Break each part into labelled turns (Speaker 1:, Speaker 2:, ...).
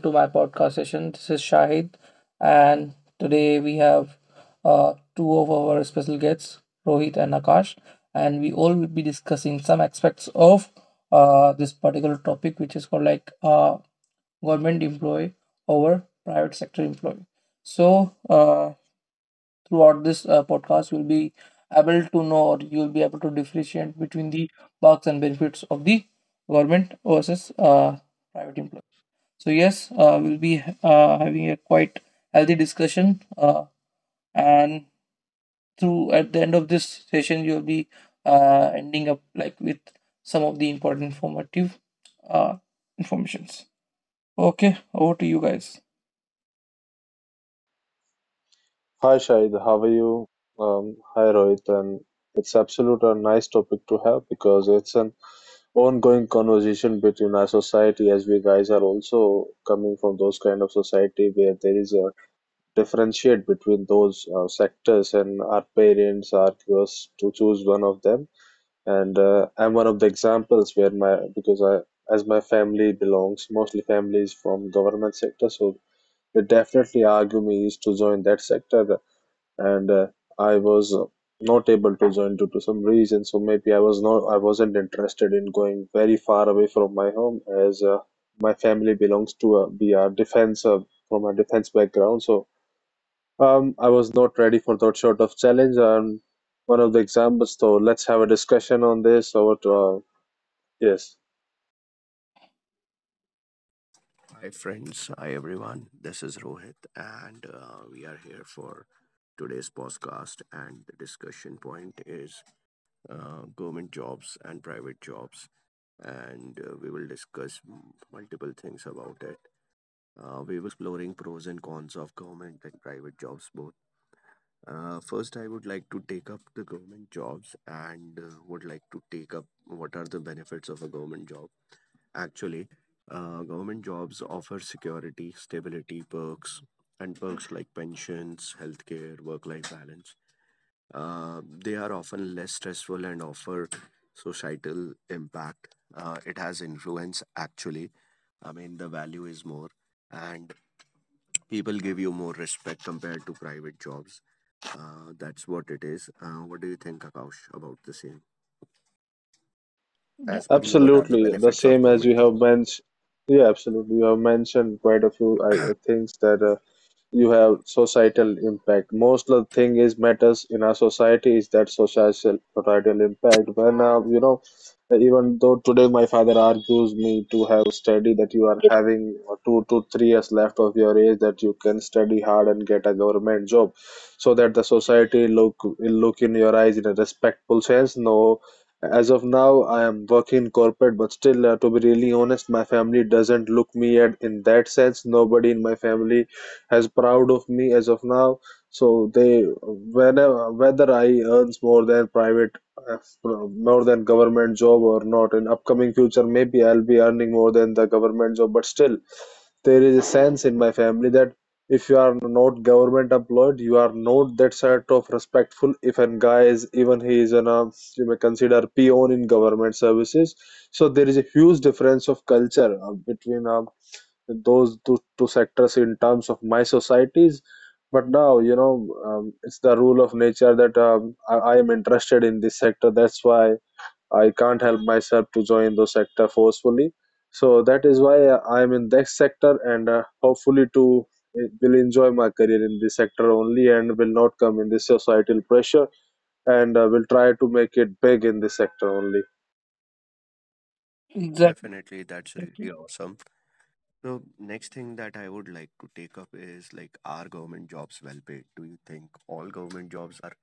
Speaker 1: to my podcast session. This is Shahid, and today we have two of our special guests, Rohit and Akash, and we all will be discussing some aspects of this particular topic, which is called like government employee over private sector employee. So throughout this podcast, you'll be able to know or you'll be able to differentiate between the perks and benefits of the government versus private employee. So yes, we'll be having a quite healthy discussion, and through at the end of this session, you'll be ending up like with some of the important informative uh, informations. Okay, over to you guys.
Speaker 2: Hi Shahid, how are you? Hi Rohit, and it's absolute a nice topic to have because it's an ongoing conversation between our society as we guys are also coming from those kind of society where there is a differentiate between those sectors and our parents are curious to choose one of them. And I'm one of the examples where my because I as my family belongs mostly families from government sector, so they definitely argue me is to join that sector, and I was not able to join due to some reason. So maybe I wasn't interested in going very far away from my home, as my family belongs to a, we are defense, from a defense background. So I was not ready for that sort of challenge. One of the examples, so let's have a discussion on this. Or yes,
Speaker 3: Hi, friends. Hi, everyone. This is Rohit, and we are here for today's podcast. And the discussion point is government jobs and private jobs. And we will discuss multiple things about it. We will be exploring pros and cons of government and private jobs both. First, I would like to take up the government jobs and would like to take up what are the benefits of a government job. Actually, government jobs offer security, stability, perks, and perks like pensions, healthcare, work life balance. They are often less stressful and offer societal impact. It has influence, actually. I mean, the value is more, and people give you more respect compared to private jobs. That's what it is. What do you think, Akash, about the same?
Speaker 1: Yeah,
Speaker 3: As per you, what are the
Speaker 2: absolutely the
Speaker 3: benefits of
Speaker 2: same as
Speaker 3: government
Speaker 2: you
Speaker 3: job?
Speaker 2: have mentioned. Yeah, absolutely. You have mentioned quite a few things that. You have societal impact. Most of the thing is matters in our society is that societal impact. When even though today my father argues me to have study that you are having 2 to 3 years left of your age that you can study hard and get a government job, so that the society look will look in your eyes in a respectful sense. No. As of now, I am working in corporate, but still, to be really honest, my family doesn't look me at in that sense. Nobody in my family as proud of me as of now. So they whenever whether I earns more than private, uh, more than government job or not in upcoming future, maybe I'll be earning more than the government job. But still, there is a sense in my family that if you are not government employed, you are not that sort of respectful. If a guy is even he is an you may consider peon in government services, so there is a huge difference of culture between those two sectors in terms of my societies. But now it's the rule of nature that I am interested in this sector. That's why I can't help myself to join those sector forcefully, so that is why I am in this sector, and hopefully to will enjoy my career in this sector only, and will not come in this societal pressure, and will try to make it big in this sector only.
Speaker 1: exactly.
Speaker 3: Definitely, that's really awesome. So next thing that I would like to take up is like, are government jobs well paid? Do you think all government jobs are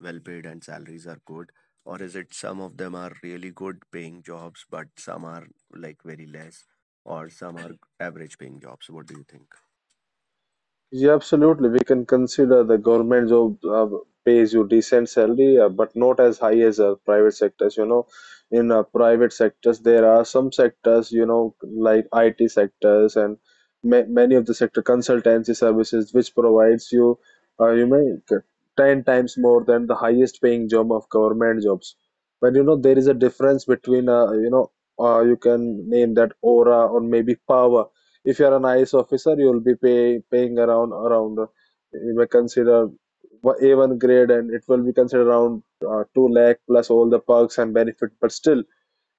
Speaker 3: well paid and salaries are good? Or is it some of them are really good paying jobs, but some are like very less, or some are average paying jobs? What do you think?
Speaker 2: Yeah, absolutely. We can consider the government job pays you decent salary, but not as high as private sectors. In private sectors, there are some sectors, like IT sectors and ma many of the sector consultancy services, which provides you, you may get 10 times more than the highest paying job of government jobs. But there is a difference between, you can name that aura or maybe power. If you are an IAS officer, you will be paying around you may consider A1 grade, and it will be considered around 2 lakh plus all the perks and benefit. But still,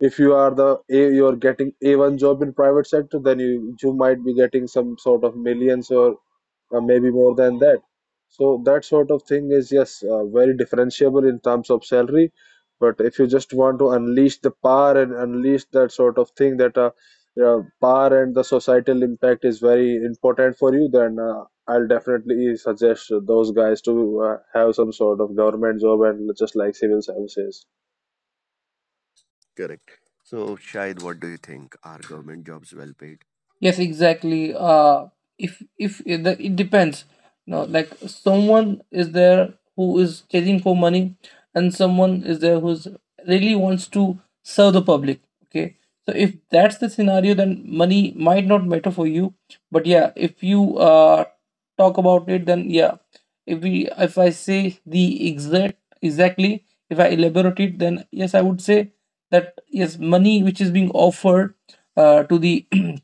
Speaker 2: if you are you are getting A1 job in private sector, then you might be getting some sort of millions or maybe more than that. So that sort of thing is yes, very differentiable in terms of salary. But if you just want to unleash the power and unleash that sort of thing, that power and the societal impact is very important for you, then I'll definitely suggest those guys to have some sort of government job and just like civil services.
Speaker 3: Correct. So Shahid, what do you think? Are government jobs well paid?
Speaker 1: Yes, exactly. If it, the- it depends. No, like someone is there who is chasing for money, and someone is there who's really wants to serve the public. Okay, so if that's the scenario, then money might not matter for you. But yeah, if you talk about it, then yeah, if I say the exact exactly if I elaborate it, then yes, I would say that yes, money which is being offered to the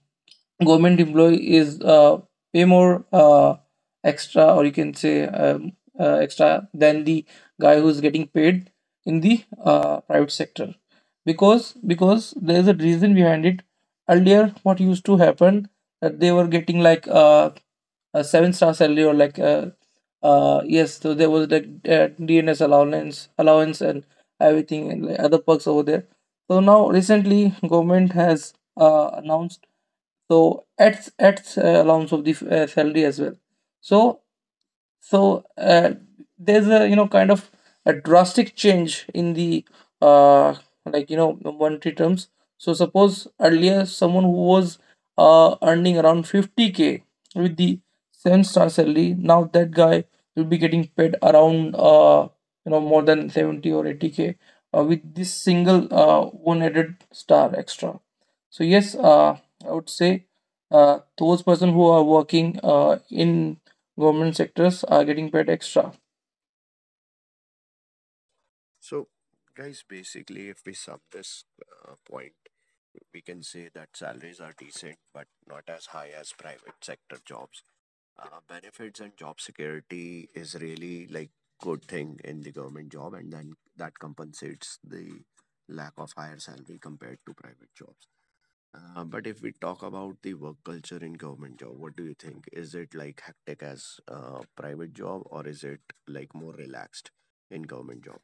Speaker 1: government employee is way more extra or you can say extra than the guy who's getting paid in the private sector because there is a reason behind it. Earlier what used to happen that they were getting like a seven-star salary or like yes, so there was like DNS allowance and everything and like other perks over there. So now recently government has announced so at allowance of the salary as well. So so uh, there's a, you know, kind of a drastic change in the uh, like, you know, monetary terms. So suppose earlier someone who was earning around 50k with the seven-star salary, now that guy will be getting paid around you know, more than 70 or 80k with this single one added star extra. So yes, I would say those person who are working in government sectors are getting paid extra.
Speaker 3: So guys, basically, if we sum this point, we can say that salaries are decent, but not as high as private sector jobs. Benefits and job security is really like good thing in the government job, and then that compensates the lack of higher salary compared to private jobs. But if we talk about the work culture in government job, what do you think? Is it like hectic as private job, or is it like more relaxed in government job?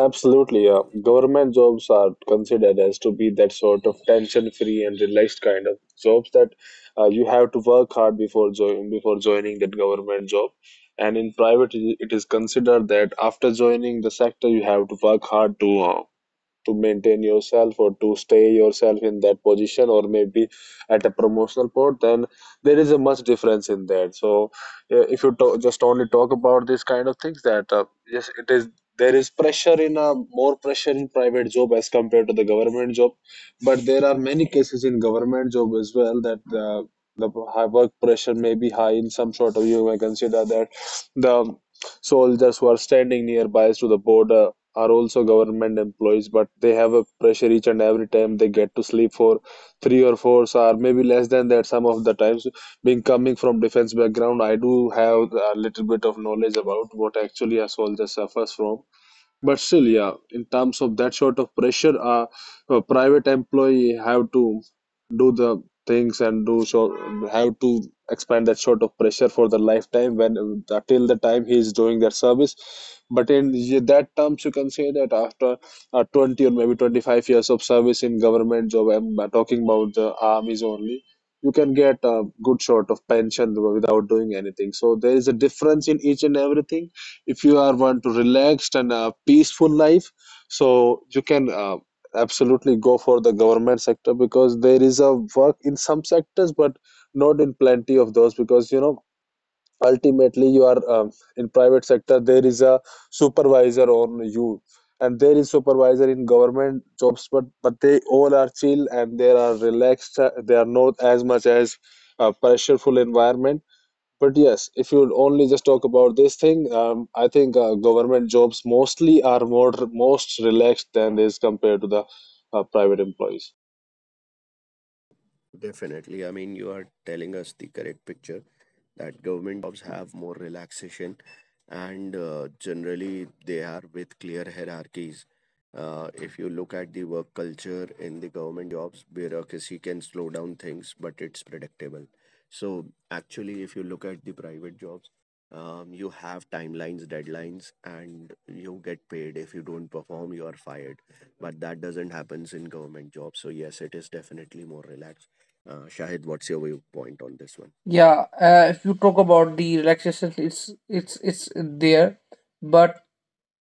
Speaker 2: Absolutely, yeah. Government jobs are considered as to be that sort of tension-free and relaxed kind of jobs that you have to work hard before joining that government job. And in private, it is considered that after joining the sector, you have to work hard to maintain yourself or to stay yourself in that position, or maybe at a promotional port. Then there is a much difference in that. So if you just only talk about these kind of things, that yes, it is, there is pressure in a more pressure in private job as compared to the government job. But there are many cases in government job as well that uh, the high work pressure may be high in some sort of. You may consider that the soldiers who are standing nearby to the border are also government employees, but they have a pressure each and every time. They get to sleep for three or four or maybe less than that. Some of the times, being coming from defense background, I do have a little bit of knowledge about what actually a soldier suffers from. But still, yeah, in terms of that sort of pressure, a private employee have to do the things and do so, have to expand that sort of pressure for the lifetime, when till the time he is doing that service. But in that terms, you can say that after 20 or maybe 25 years of service in government job, I'm talking about the armies only. You can get a good sort of pension without doing anything. So there is a difference in each and everything. If you are want to relaxed and a peaceful life, so you can absolutely go for the government sector, because there is a work in some sectors but not in plenty of those. Because ultimately you are in private sector. There is a supervisor on you, and there is supervisor in government jobs. But they all are chill and they are relaxed. They are not as much as a pressureful environment. But yes, if you would only just talk about this thing, I think government jobs mostly are more most relaxed than is compared to the private employees.
Speaker 3: Definitely. I mean, you are telling us the correct picture that government jobs have more relaxation and generally they are with clear hierarchies. If you look at the work culture in the government jobs, bureaucracy can slow down things, but it's predictable. So, actually, if you look at the private jobs, you have timelines, deadlines, and you get paid. If you don't perform, you are fired. But that doesn't happen in government jobs. So, yes, it is definitely more relaxed. Shahid, what's your viewpoint on this one?
Speaker 1: Yeah, if you talk about the relaxation, it's it's there, but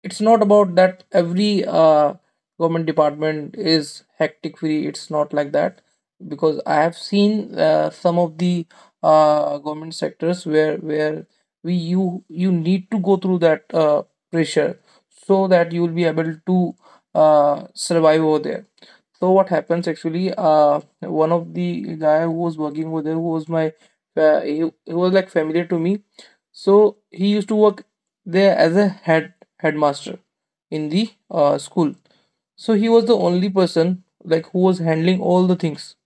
Speaker 1: it's not about that every government department is hectic free. It's not like that because I have seen some of the government sectors where we you need to go through that pressure so that you will be able to survive over there. So what happens actually? One of the guy who was working over there, who was my, he, was like familiar to me. So he used to work there as a headmaster in the school. So he was the only person like who was handling all the things.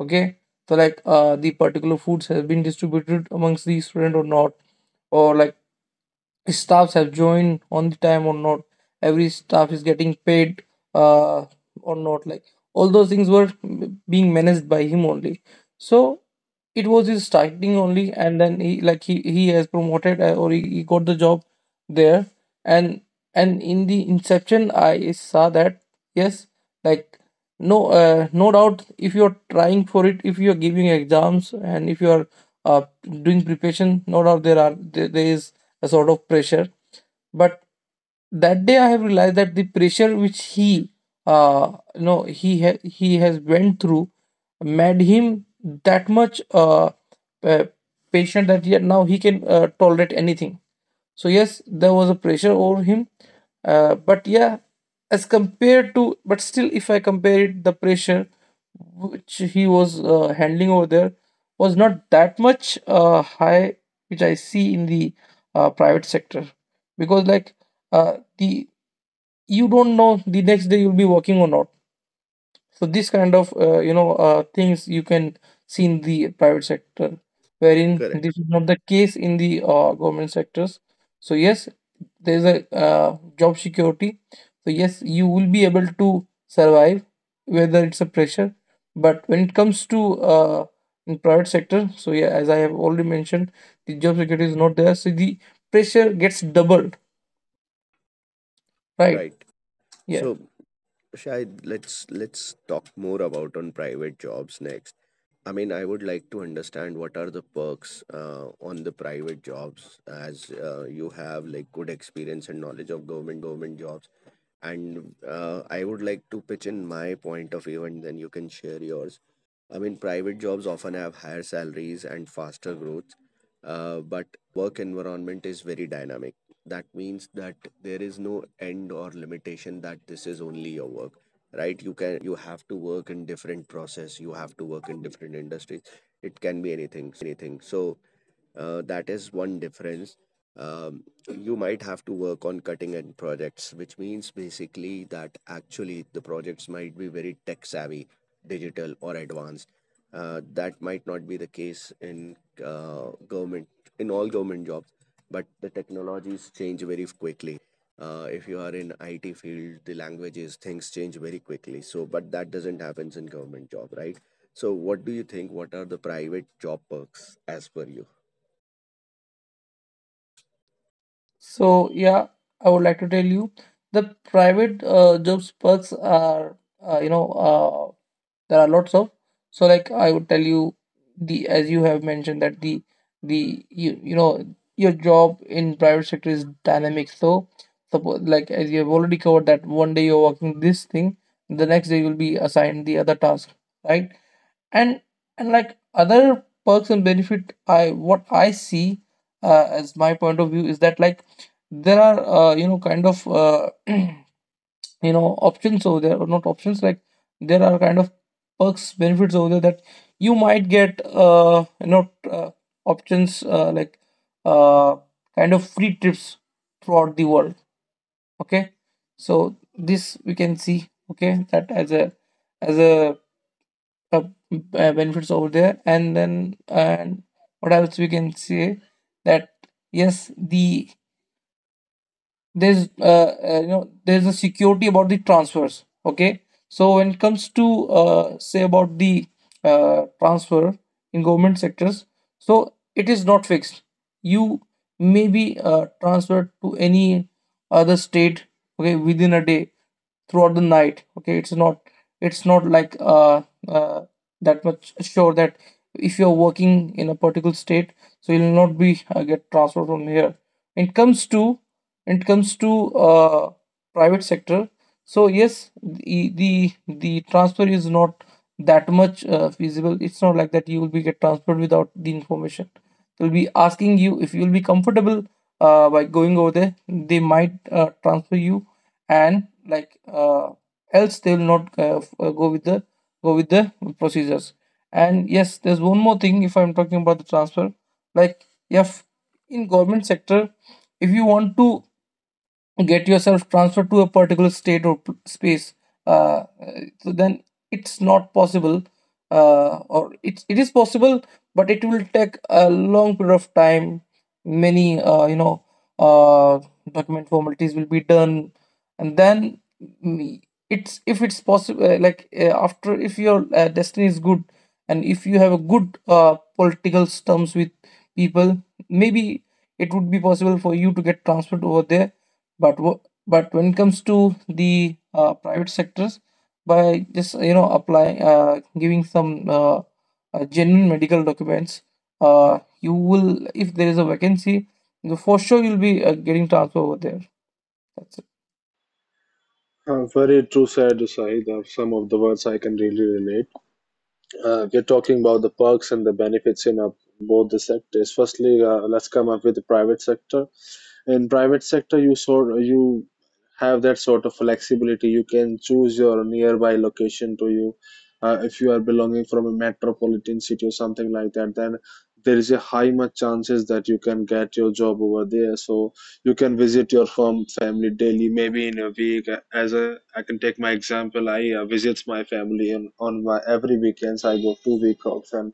Speaker 1: Okay, so like the particular foods has been distributed amongst the student or not, or like staffs have joined on the time or not, every staff is getting paid uh, or not, like all those things were being managed by him only. So it was his starting only and then he like he has promoted or he got the job there. And and in the inception I saw that yes, like no no doubt if you're trying for it, if you're giving exams and if you're uh, doing preparation, no doubt there are there is a sort of pressure. But that day I have realized that the pressure which he you know, he has went through made him that much uh, patient that now he can tolerate anything. So yes, there was a pressure over him. But yeah, as compared to, but still, if I compare it, the pressure which he was handling over there was not that much high, which I see in the private sector, because like the you don't know the next day you'll be working or not. So this kind of you know things you can see in the private sector, wherein
Speaker 3: Correct.
Speaker 1: this is not the case in the government sectors. So yes, there is a job security. So yes, you will be able to survive whether it's a pressure. But when it comes to in private sector, so yeah, as I have already mentioned, the job security is not there. So the pressure gets doubled, right?
Speaker 3: Right.
Speaker 1: Yeah.
Speaker 3: So, Shahid, let's talk more about on private jobs next. I mean, I would like to understand what are the perks on the private jobs, as you have like good experience and knowledge of government jobs. And I would like to pitch in my point of view, and then you can share yours. I mean, private jobs often have higher salaries and faster growth, but the work environment is very dynamic. That means that there is no end or limitation that this is only your work, right? You have to work in different process, you have to work in different industries, it can be anything. So that is one difference. You might have to work on cutting edge projects, which means basically that actually the projects might be very tech savvy, digital, or advanced. That might not be the case in uh, government, all government jobs, but the technologies change very quickly. If you are in IT field, the languages, things change very quickly. So, but that doesn't happen in government job, right? So, what do you think? What are the private job perks as per you?
Speaker 1: So yeah, I would like to tell you the private jobs perks are you know there are lots of. So like I would tell you the as you have mentioned that the you know your job in private sector is dynamic. So suppose like as you have already covered that one day you're working this thing, the next day you'll be assigned the other task, right? and and like other perks and benefit, I what I see as my point of view is that like there are you know, kind of you know, options over there, or not options, like there are kind of perks benefits over there that you might get you know options like uh kind of free trips throughout the world. Okay, so this we can see, okay, that as a as a uh, benefits over there. And then, and what else we can say, that yes, there's you know, there's a security about the transfers. Okay, so when it comes to say about the transfer in government sectors, so it is not fixed. You may be transferred to any other state, okay, within a day throughout the night. Okay, it's not like uh that much sure that if you're working in a particular state, so you'll not be get transferred from here. It comes to it comes to uh private sector, so yes, the transfer is not that much feasible. It's not like that you will be get transferred without the information. They'll be asking you if you'll be comfortable by going over there, they might transfer you, and like else they will not go with the go with the procedures. And yes, there's one more thing if I'm talking about the transfer, like if in government sector, if you want to get yourself transferred to a particular state or space uh, so then it's not possible or it's, it is possible, but it will take a long period of time. Many you know uh, document formalities will be done and then mm, it's, if it's possible like after, if your destiny is good and if you have a good political terms with people, maybe it would be possible for you to get transferred over there. But wo- but when it comes to the private sectors, by just you know, apply giving some genuine medical documents, you will, if there is a vacancy, for sure you'll be getting transfer over there. That's it.
Speaker 2: Very true, said Sahid. Some of the words I can really relate. You're talking about the perks and the benefits in both the sectors. Firstly, let's come up with the private sector. In private sector, you have that sort of flexibility. You can choose your nearby location to you. If you are belonging from a metropolitan city or something like that, then there is a high much chances that you can get your job over there. So you can visit your firm family daily maybe in a week. As a i can take my example, I visits my family on my every weekends. I go 2 week offs and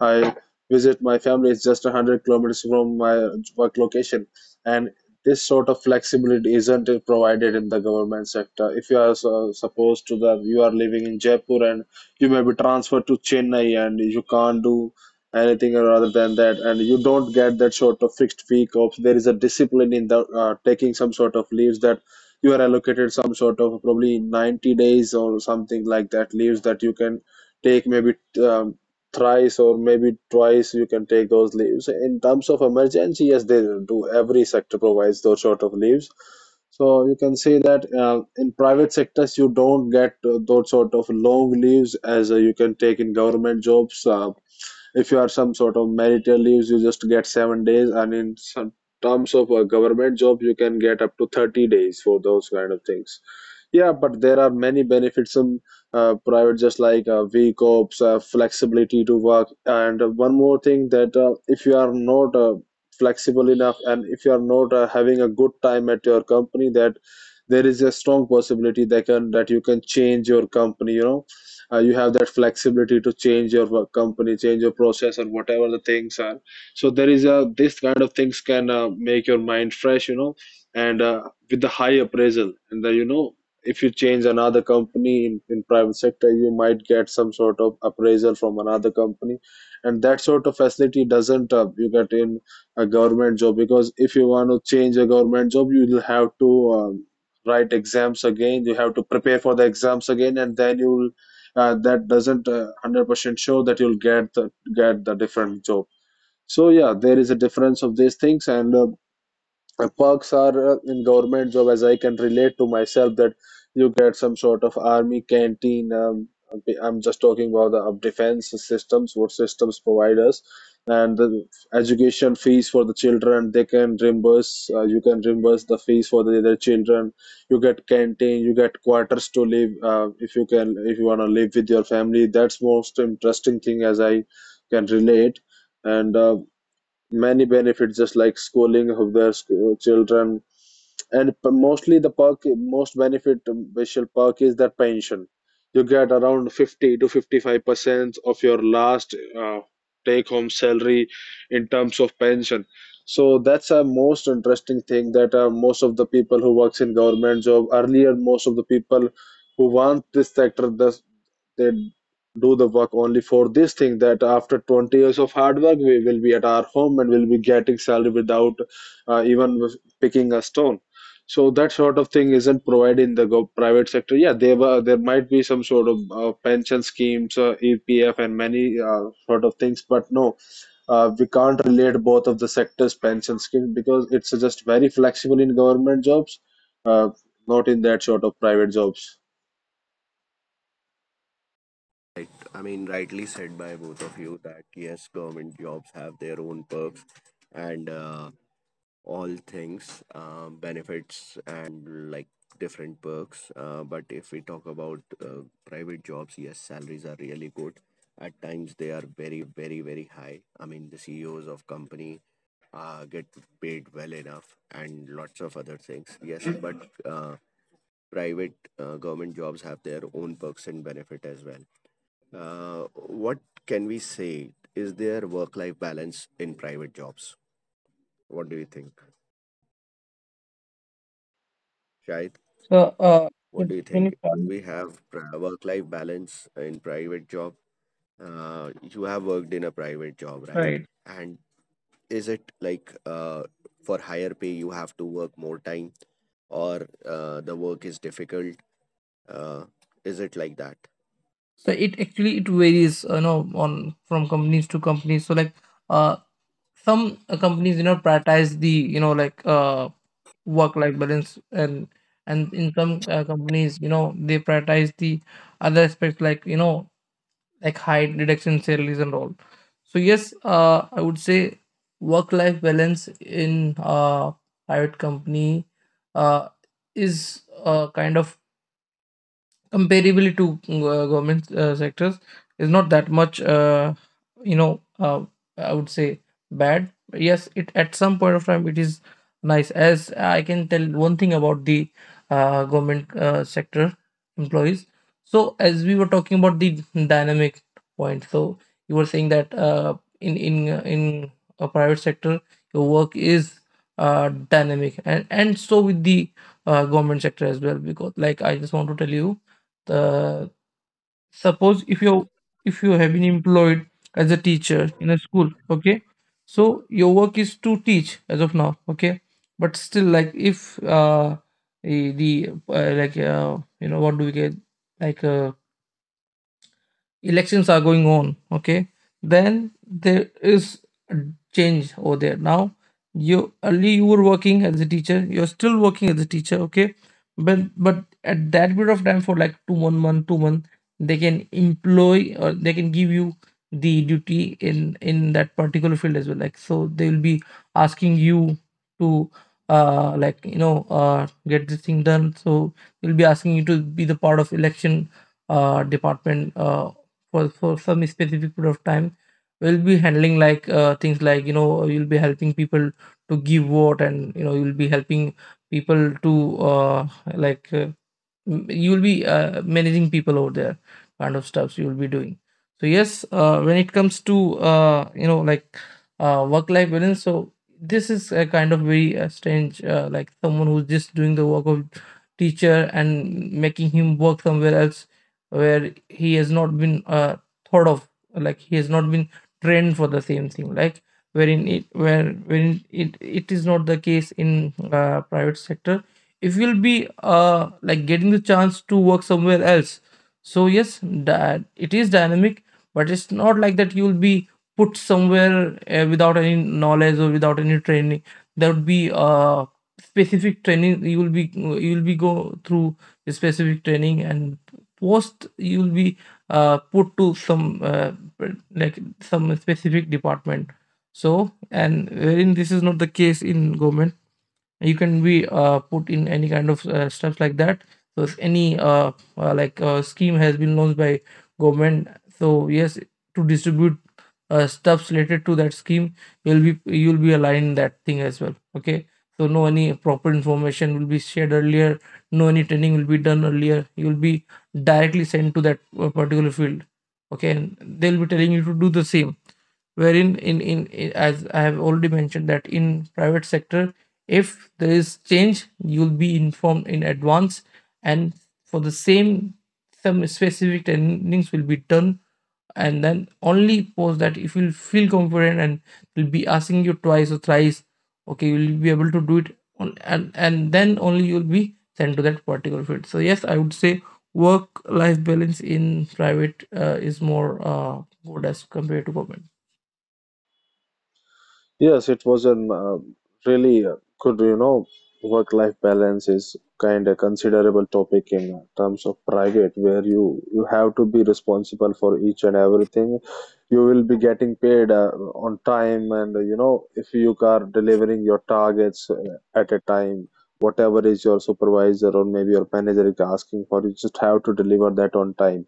Speaker 2: I visit my family. It's just 100 kilometers from my work location. And this sort of flexibility isn't provided in the government sector. If you are so, supposed to that you are living in Jaipur and you may be transferred to Chennai, and you can't do anything or other than that, and you don't get that sort of fixed week off. There is a discipline in the taking some sort of leaves, that you are allocated some sort of probably 90 days or something like that leaves, that you can take maybe um, thrice or maybe twice. You can take those leaves in terms of emergency. Yes, they do. Every sector provides those sort of leaves. So you can see that in private sectors you don't get those sort of long leaves as you can take in government jobs. If you are some sort of marital leaves you just get 7 days, and in some terms of a government job you can get up to 30 days for those kind of things. Yeah, but there are many benefits in private, just like v corps, flexibility to work, and one more thing that if you are not flexible enough and if you are not having a good time at your company, that there is a strong possibility that can that you can change your company, you know. You have that flexibility to change your work company, change your process, or whatever the things are. So there is a this kind of things can make your mind fresh, you know, and with the high appraisal and the, you know, if you change another company in private sector, you might get some sort of appraisal from another company, and that sort of facility doesn't you get in a government job. Because if you want to change a government job, you will have to write exams again, you have to prepare for the exams again, and then you will that doesn't 100% show that you'll get get the different job. So yeah, there is a difference of these things. And perks are in government job, as I can relate to myself, that you get some sort of army canteen. I'm just talking about the defense systems, what systems provide us, and the education fees for the children, they can reimburse. You can reimburse the fees for their children. You get canteen, you get quarters to live, if you can, if you want to live with your family. That's most interesting thing as I can relate. And many benefits, just like schooling of their school children, and mostly the perk, most benefit, special perk is that pension. You get around 50 to 55% of your last uh, take home salary in terms of pension. So that's a most interesting thing, that most of the people who works in government job earlier, most of the people who want this sector, thus they do the work only for this thing, that after 20 years of hard work we will be at our home and will be getting salary without even picking a stone. So that sort of thing isn't provided in the gov private sector. Yeah, there might be some sort of pension schemes, EPF, and many sort of things, but no, we can't relate both of the sectors' pension schemes, because it's just very flexible in government jobs, uh, not in that sort of private jobs.
Speaker 3: Right. I mean, rightly said by both of you that yes, government jobs have their own perks and all things, benefits and like different perks. But if we talk about private jobs, yes, salaries are really good. At times, they are very, very high. I mean, the CEOs of company get paid well enough and lots of other things. Yes, but private government jobs have their own perks and benefit as well. What can we say? Is there work-life balance in private jobs? What do you think, Shahid?
Speaker 1: So
Speaker 3: What do you
Speaker 1: can you
Speaker 3: think?
Speaker 1: start?
Speaker 3: Do we have work-life balance in private job? You have worked in a private job, right?
Speaker 1: Right,
Speaker 3: And is it like, for higher pay you have to work more time, or the work is difficult? Uh, is it like that?
Speaker 1: so it actually it varies, you know, on from companies to companies. So like uh some companies, you know, prioritize the, you know, like work life balance, and in some companies, you know, they prioritize the other aspects like, you know, like height reduction salaries and all. So yes, I would say work life balance in private company uh is kind of comparably to government sectors is not that much you know I would say bad. Yes, it at some point of time it is nice. As I can tell one thing about the government sector employees, so as we were talking about the dynamic point, so you were saying that in a private sector your work is dynamic, and so with the government sector as well, because like I just want to tell you uh, suppose if you have been employed as a teacher in a school, okay, so your work is to teach as of now, okay, but still like if the like you know, what do we get, like elections are going on, okay, then there is a change over there. Now you early you were working as a teacher, you're still working as a teacher, okay, but at that bit of time, for like 2 1 month 2 month, they can employ or they can give you the duty in that particular field as well. Like so they will be asking you to like you know get this thing done, so they'll be asking you to be the Part of election department, for some specific period of time. We'll be handling things like you'll be helping people to give vote, and you know you'll be helping people to like uh, you'll be managing people over there, kind of stuffs you'll be doing. So yes, when it comes to work life balance, so this is a kind of very strange, like someone who's just doing the work of teacher and making him work somewhere else where he has not been thought of, like he has not been trained for the same thing. Like wherein it is not the case in private sector. If you'll be like getting the chance to work somewhere else, so yes, that it is dynamic, but it's not like that you'll be put somewhere without any knowledge or without any training. There would be specific training. You will be go through a specific training, and post, you will be put to some some specific department. So, and wherein this is not the case in government, you can be put in any kind of stuff like that. So if any scheme has been launched by government, so yes, to distribute stuffs related to that scheme, you'll be aligned that thing as well. Okay, so no any proper information will be shared earlier, no any training will be done earlier. You'll be directly sent to that particular field, okay, and they'll be telling you to do the same. Wherein in as I have already mentioned that in private sector, if there is change, you'll be informed in advance, and for the same, some specific trainings will be done. And then only post that, if you feel confident, and will be asking you twice or thrice, okay, you'll be able to do it on, and then only you'll be sent to that particular field. So yes, I would say work life balance in private is more good as compared to government.
Speaker 2: Yes, it was a really good, you know, work-life balance is kind of considerable topic in terms of private, where you have to be responsible for each and everything. You will be getting paid on time, and you know, if you are delivering your targets at a time, whatever is your supervisor or maybe your manager is asking for, you just have to deliver that on time.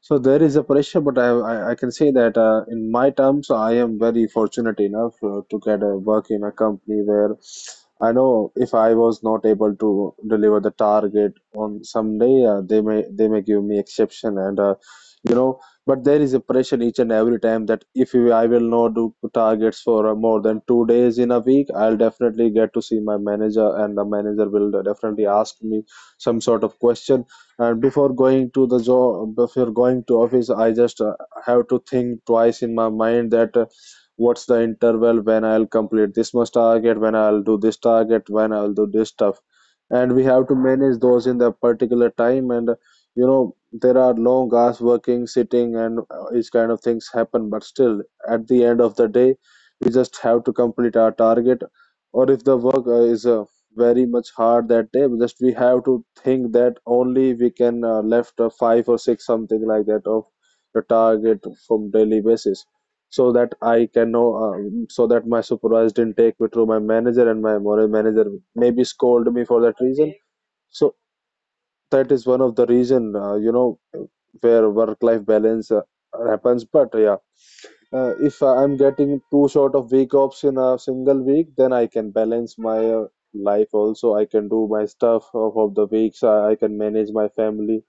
Speaker 2: So there is a pressure, but I can say that in my terms, I am very fortunate enough to get a work in a company where I know if I was not able to deliver the target on some day, they may, they may give me exception and you know, but there is a pressure each and every time, that if you- I will not do targets for more than 2 days in a week, I'll definitely get to see my manager, and the manager will definitely ask me some sort of question. And before going to the job, before going to office, I just have to think twice in my mind that what's the interval, when I'll complete this much target, when I'll do this target, when I'll do this stuff. And we have to manage those in the particular time, and you know, there are long hours working, sitting, and each kind of things happen, but still at the end of the day, we just have to complete our target. Or if the work is very much hard that day, we have to think that only we can left five or six something like that of the target from daily basis, so that I can know, so that my supervisor didn't take me through my manager, and my moral manager maybe scold me for that reason. So that is one of the reason, you know, where work life balance happens. But yeah, if I'm getting too short of week offs in a single week, then I can balance my life also, I can do my stuff of the weeks. I can manage my family,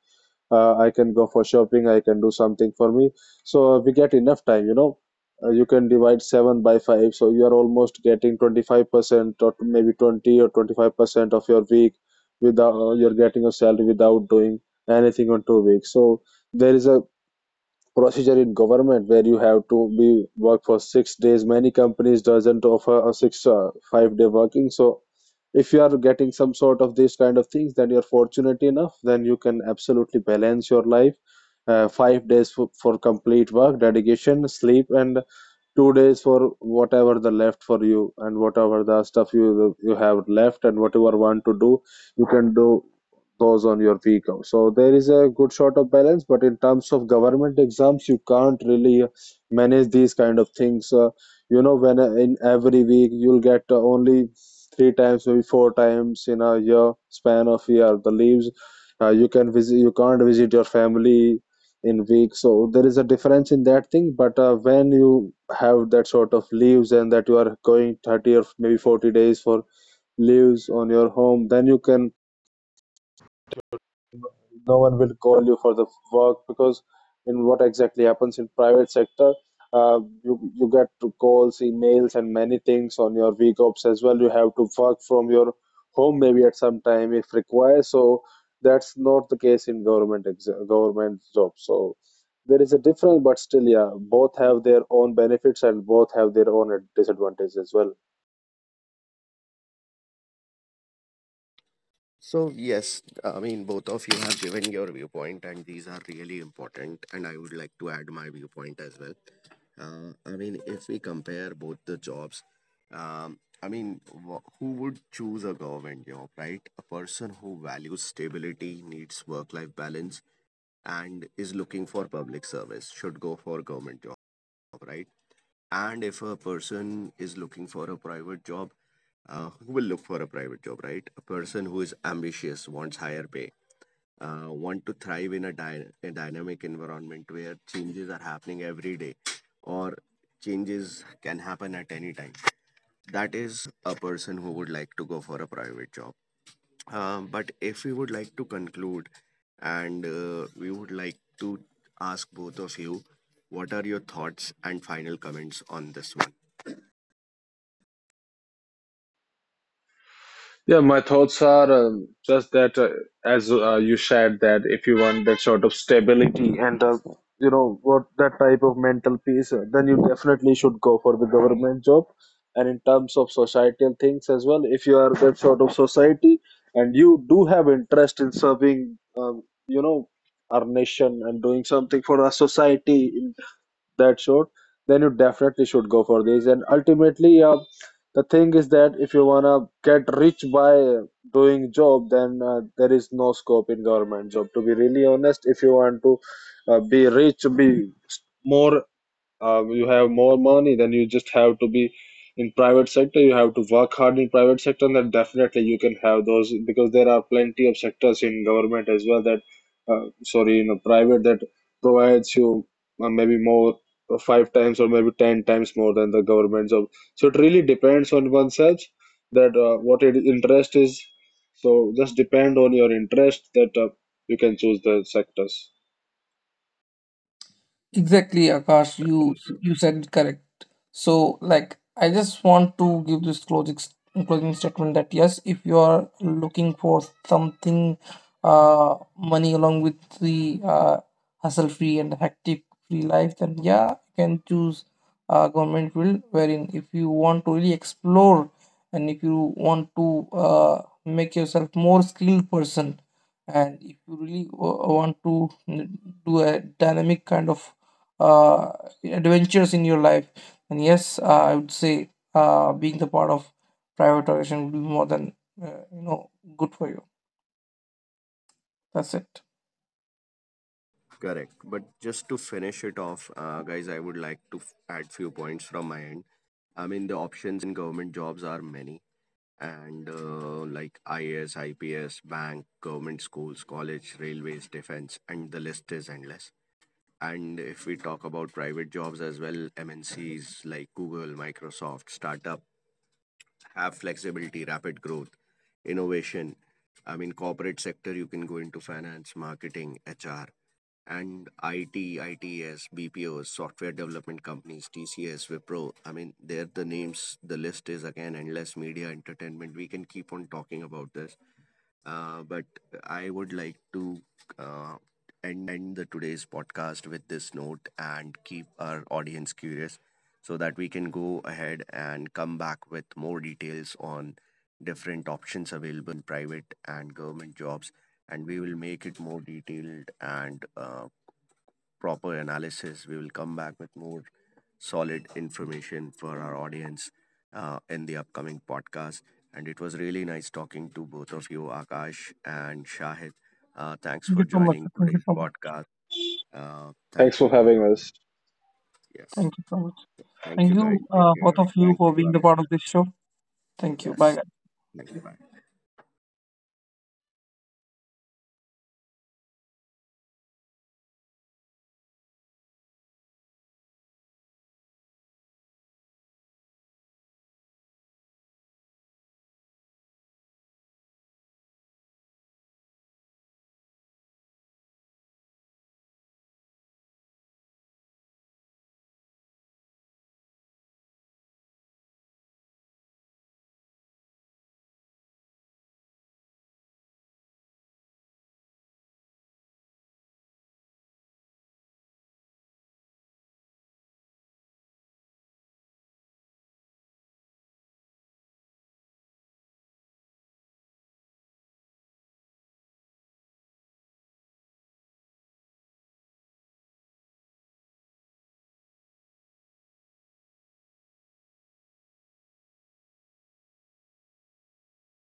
Speaker 2: I can go for shopping, I can do something for me. So we get enough time, you know. You can divide 7 by 5, so you are almost getting 25% or maybe 20 or 25% of your week, without you're getting your salary without doing anything on 2 weeks. So there is a procedure in government where you have to be work for 6 days. Many companies doesn't offer a six 5 day working. So if you are getting some sort of these kind of things, then you're fortunate enough, then you can absolutely balance your life, 5 days for complete work dedication, sleep, and 2 days for whatever the left for you, and whatever the stuff you you have left and whatever want to do, you can do those on your week off. So there is a good sort of balance. But in terms of government exams, you can't really manage these kind of things, you know. When in every week, you'll get only three times, maybe four times in a year, span of year, the leaves, you can visit, you can't visit your family in week. So there is a difference in that thing. But when you have that sort of leaves, and that you are going 30 or maybe 40 days for leaves on your home, then you can, no one will call you for the work. Because in, what exactly happens in private sector, uh, you, you get to calls, emails, and many things on your week offs as well. You have to work from your home, maybe at some time if required. So that's not the case in government government jobs. So there is a difference, but still, yeah, both have their own benefits and both have their own disadvantages as well.
Speaker 3: So, yes, I mean, both of you have given your viewpoint, and these are really important. And I would like to add my viewpoint as well. I mean, if we compare both the jobs, I mean, who would choose a government job, right? A person who values stability, needs work life balance, and is looking for public service should go for government job, right? And if a person is looking for a private job, who will look for a private job, right? A person who is ambitious, wants higher pay, want to thrive in a dynamic environment where changes are happening every day, or changes can happen at any time. That is a person who would like to go for a private job. But if we would like to conclude, and we would like to ask both of you, what are your thoughts and final comments on this one?
Speaker 2: Yeah, my thoughts are just that as you shared, that if you want that sort of stability and you know what, that type of mental peace, then you definitely should go for the government job. And in terms of societal things as well, if you are that sort of society and you do have interest in serving, you know, our nation and doing something for our society that short, then you definitely should go for this. And ultimately, the thing is that if you wanna get rich by doing job, then there is no scope in government job. To be really honest, if you want to be rich, be more you have more money, then you just have to be in private sector, you have to work hard in private sector, and then definitely you can have those. Because there are plenty of sectors in government as well that sorry, in a private, that provides you maybe more five times or maybe ten times more than the government job. So it really depends on oneself, that what it interest is. So just depend on your interest, that you can choose the sectors.
Speaker 1: Exactly, Akash, you said it correct. So, like, I just want to give this closing closing statement that yes, if you are looking for something, money along with the hustle-free and hectic-free life, then yeah, you can choose government field. Wherein, if you want to really explore, and if you want to make yourself more skilled person, and if you really want to do a dynamic kind of uh, adventures in your life. And yes, I would say being the part of private organization would be more than you know good for you. That's it.
Speaker 3: Correct. But just to finish it off, guys, I would like to add few points from my end. I mean, the options in government jobs are many, and like IAS, IPS, bank, government schools, college, railways, defense, and the list is endless. And if we talk about private jobs as well, MNCs like Google, Microsoft, startup have flexibility, rapid growth, innovation. I mean, corporate sector, you can go into finance, marketing, HR, and IT, ITS, BPOs, software development companies, TCS, Wipro. I mean, they're the names, the list is again endless. Media, entertainment. We can keep on talking about this. But I would like to uh, end the today's podcast with this note and keep our audience curious so that we can go ahead and come back with more details on different options available in private and government jobs, and we will make it more detailed and proper analysis. We will come back with more solid information for our audience in the upcoming podcast. And it was really nice talking to both of you, Akash and Shahid. Thanks
Speaker 1: Thank
Speaker 3: for
Speaker 1: you so much.
Speaker 3: joining
Speaker 1: Thank you
Speaker 3: today's
Speaker 1: so much.
Speaker 3: podcast.
Speaker 2: Thanks
Speaker 3: Thank
Speaker 2: for
Speaker 3: you, both
Speaker 2: having
Speaker 3: of you.
Speaker 2: us.
Speaker 3: Yes.
Speaker 1: Thank you so much.
Speaker 3: Thank
Speaker 1: Thank
Speaker 3: you,
Speaker 1: you,
Speaker 3: guys. Take
Speaker 1: both
Speaker 3: care.
Speaker 1: of you,
Speaker 3: Thanks
Speaker 1: for
Speaker 3: to
Speaker 1: being the part of
Speaker 3: Anita.
Speaker 1: this show. Thank you.
Speaker 3: Yes.
Speaker 1: Bye.
Speaker 3: Thank you. Bye.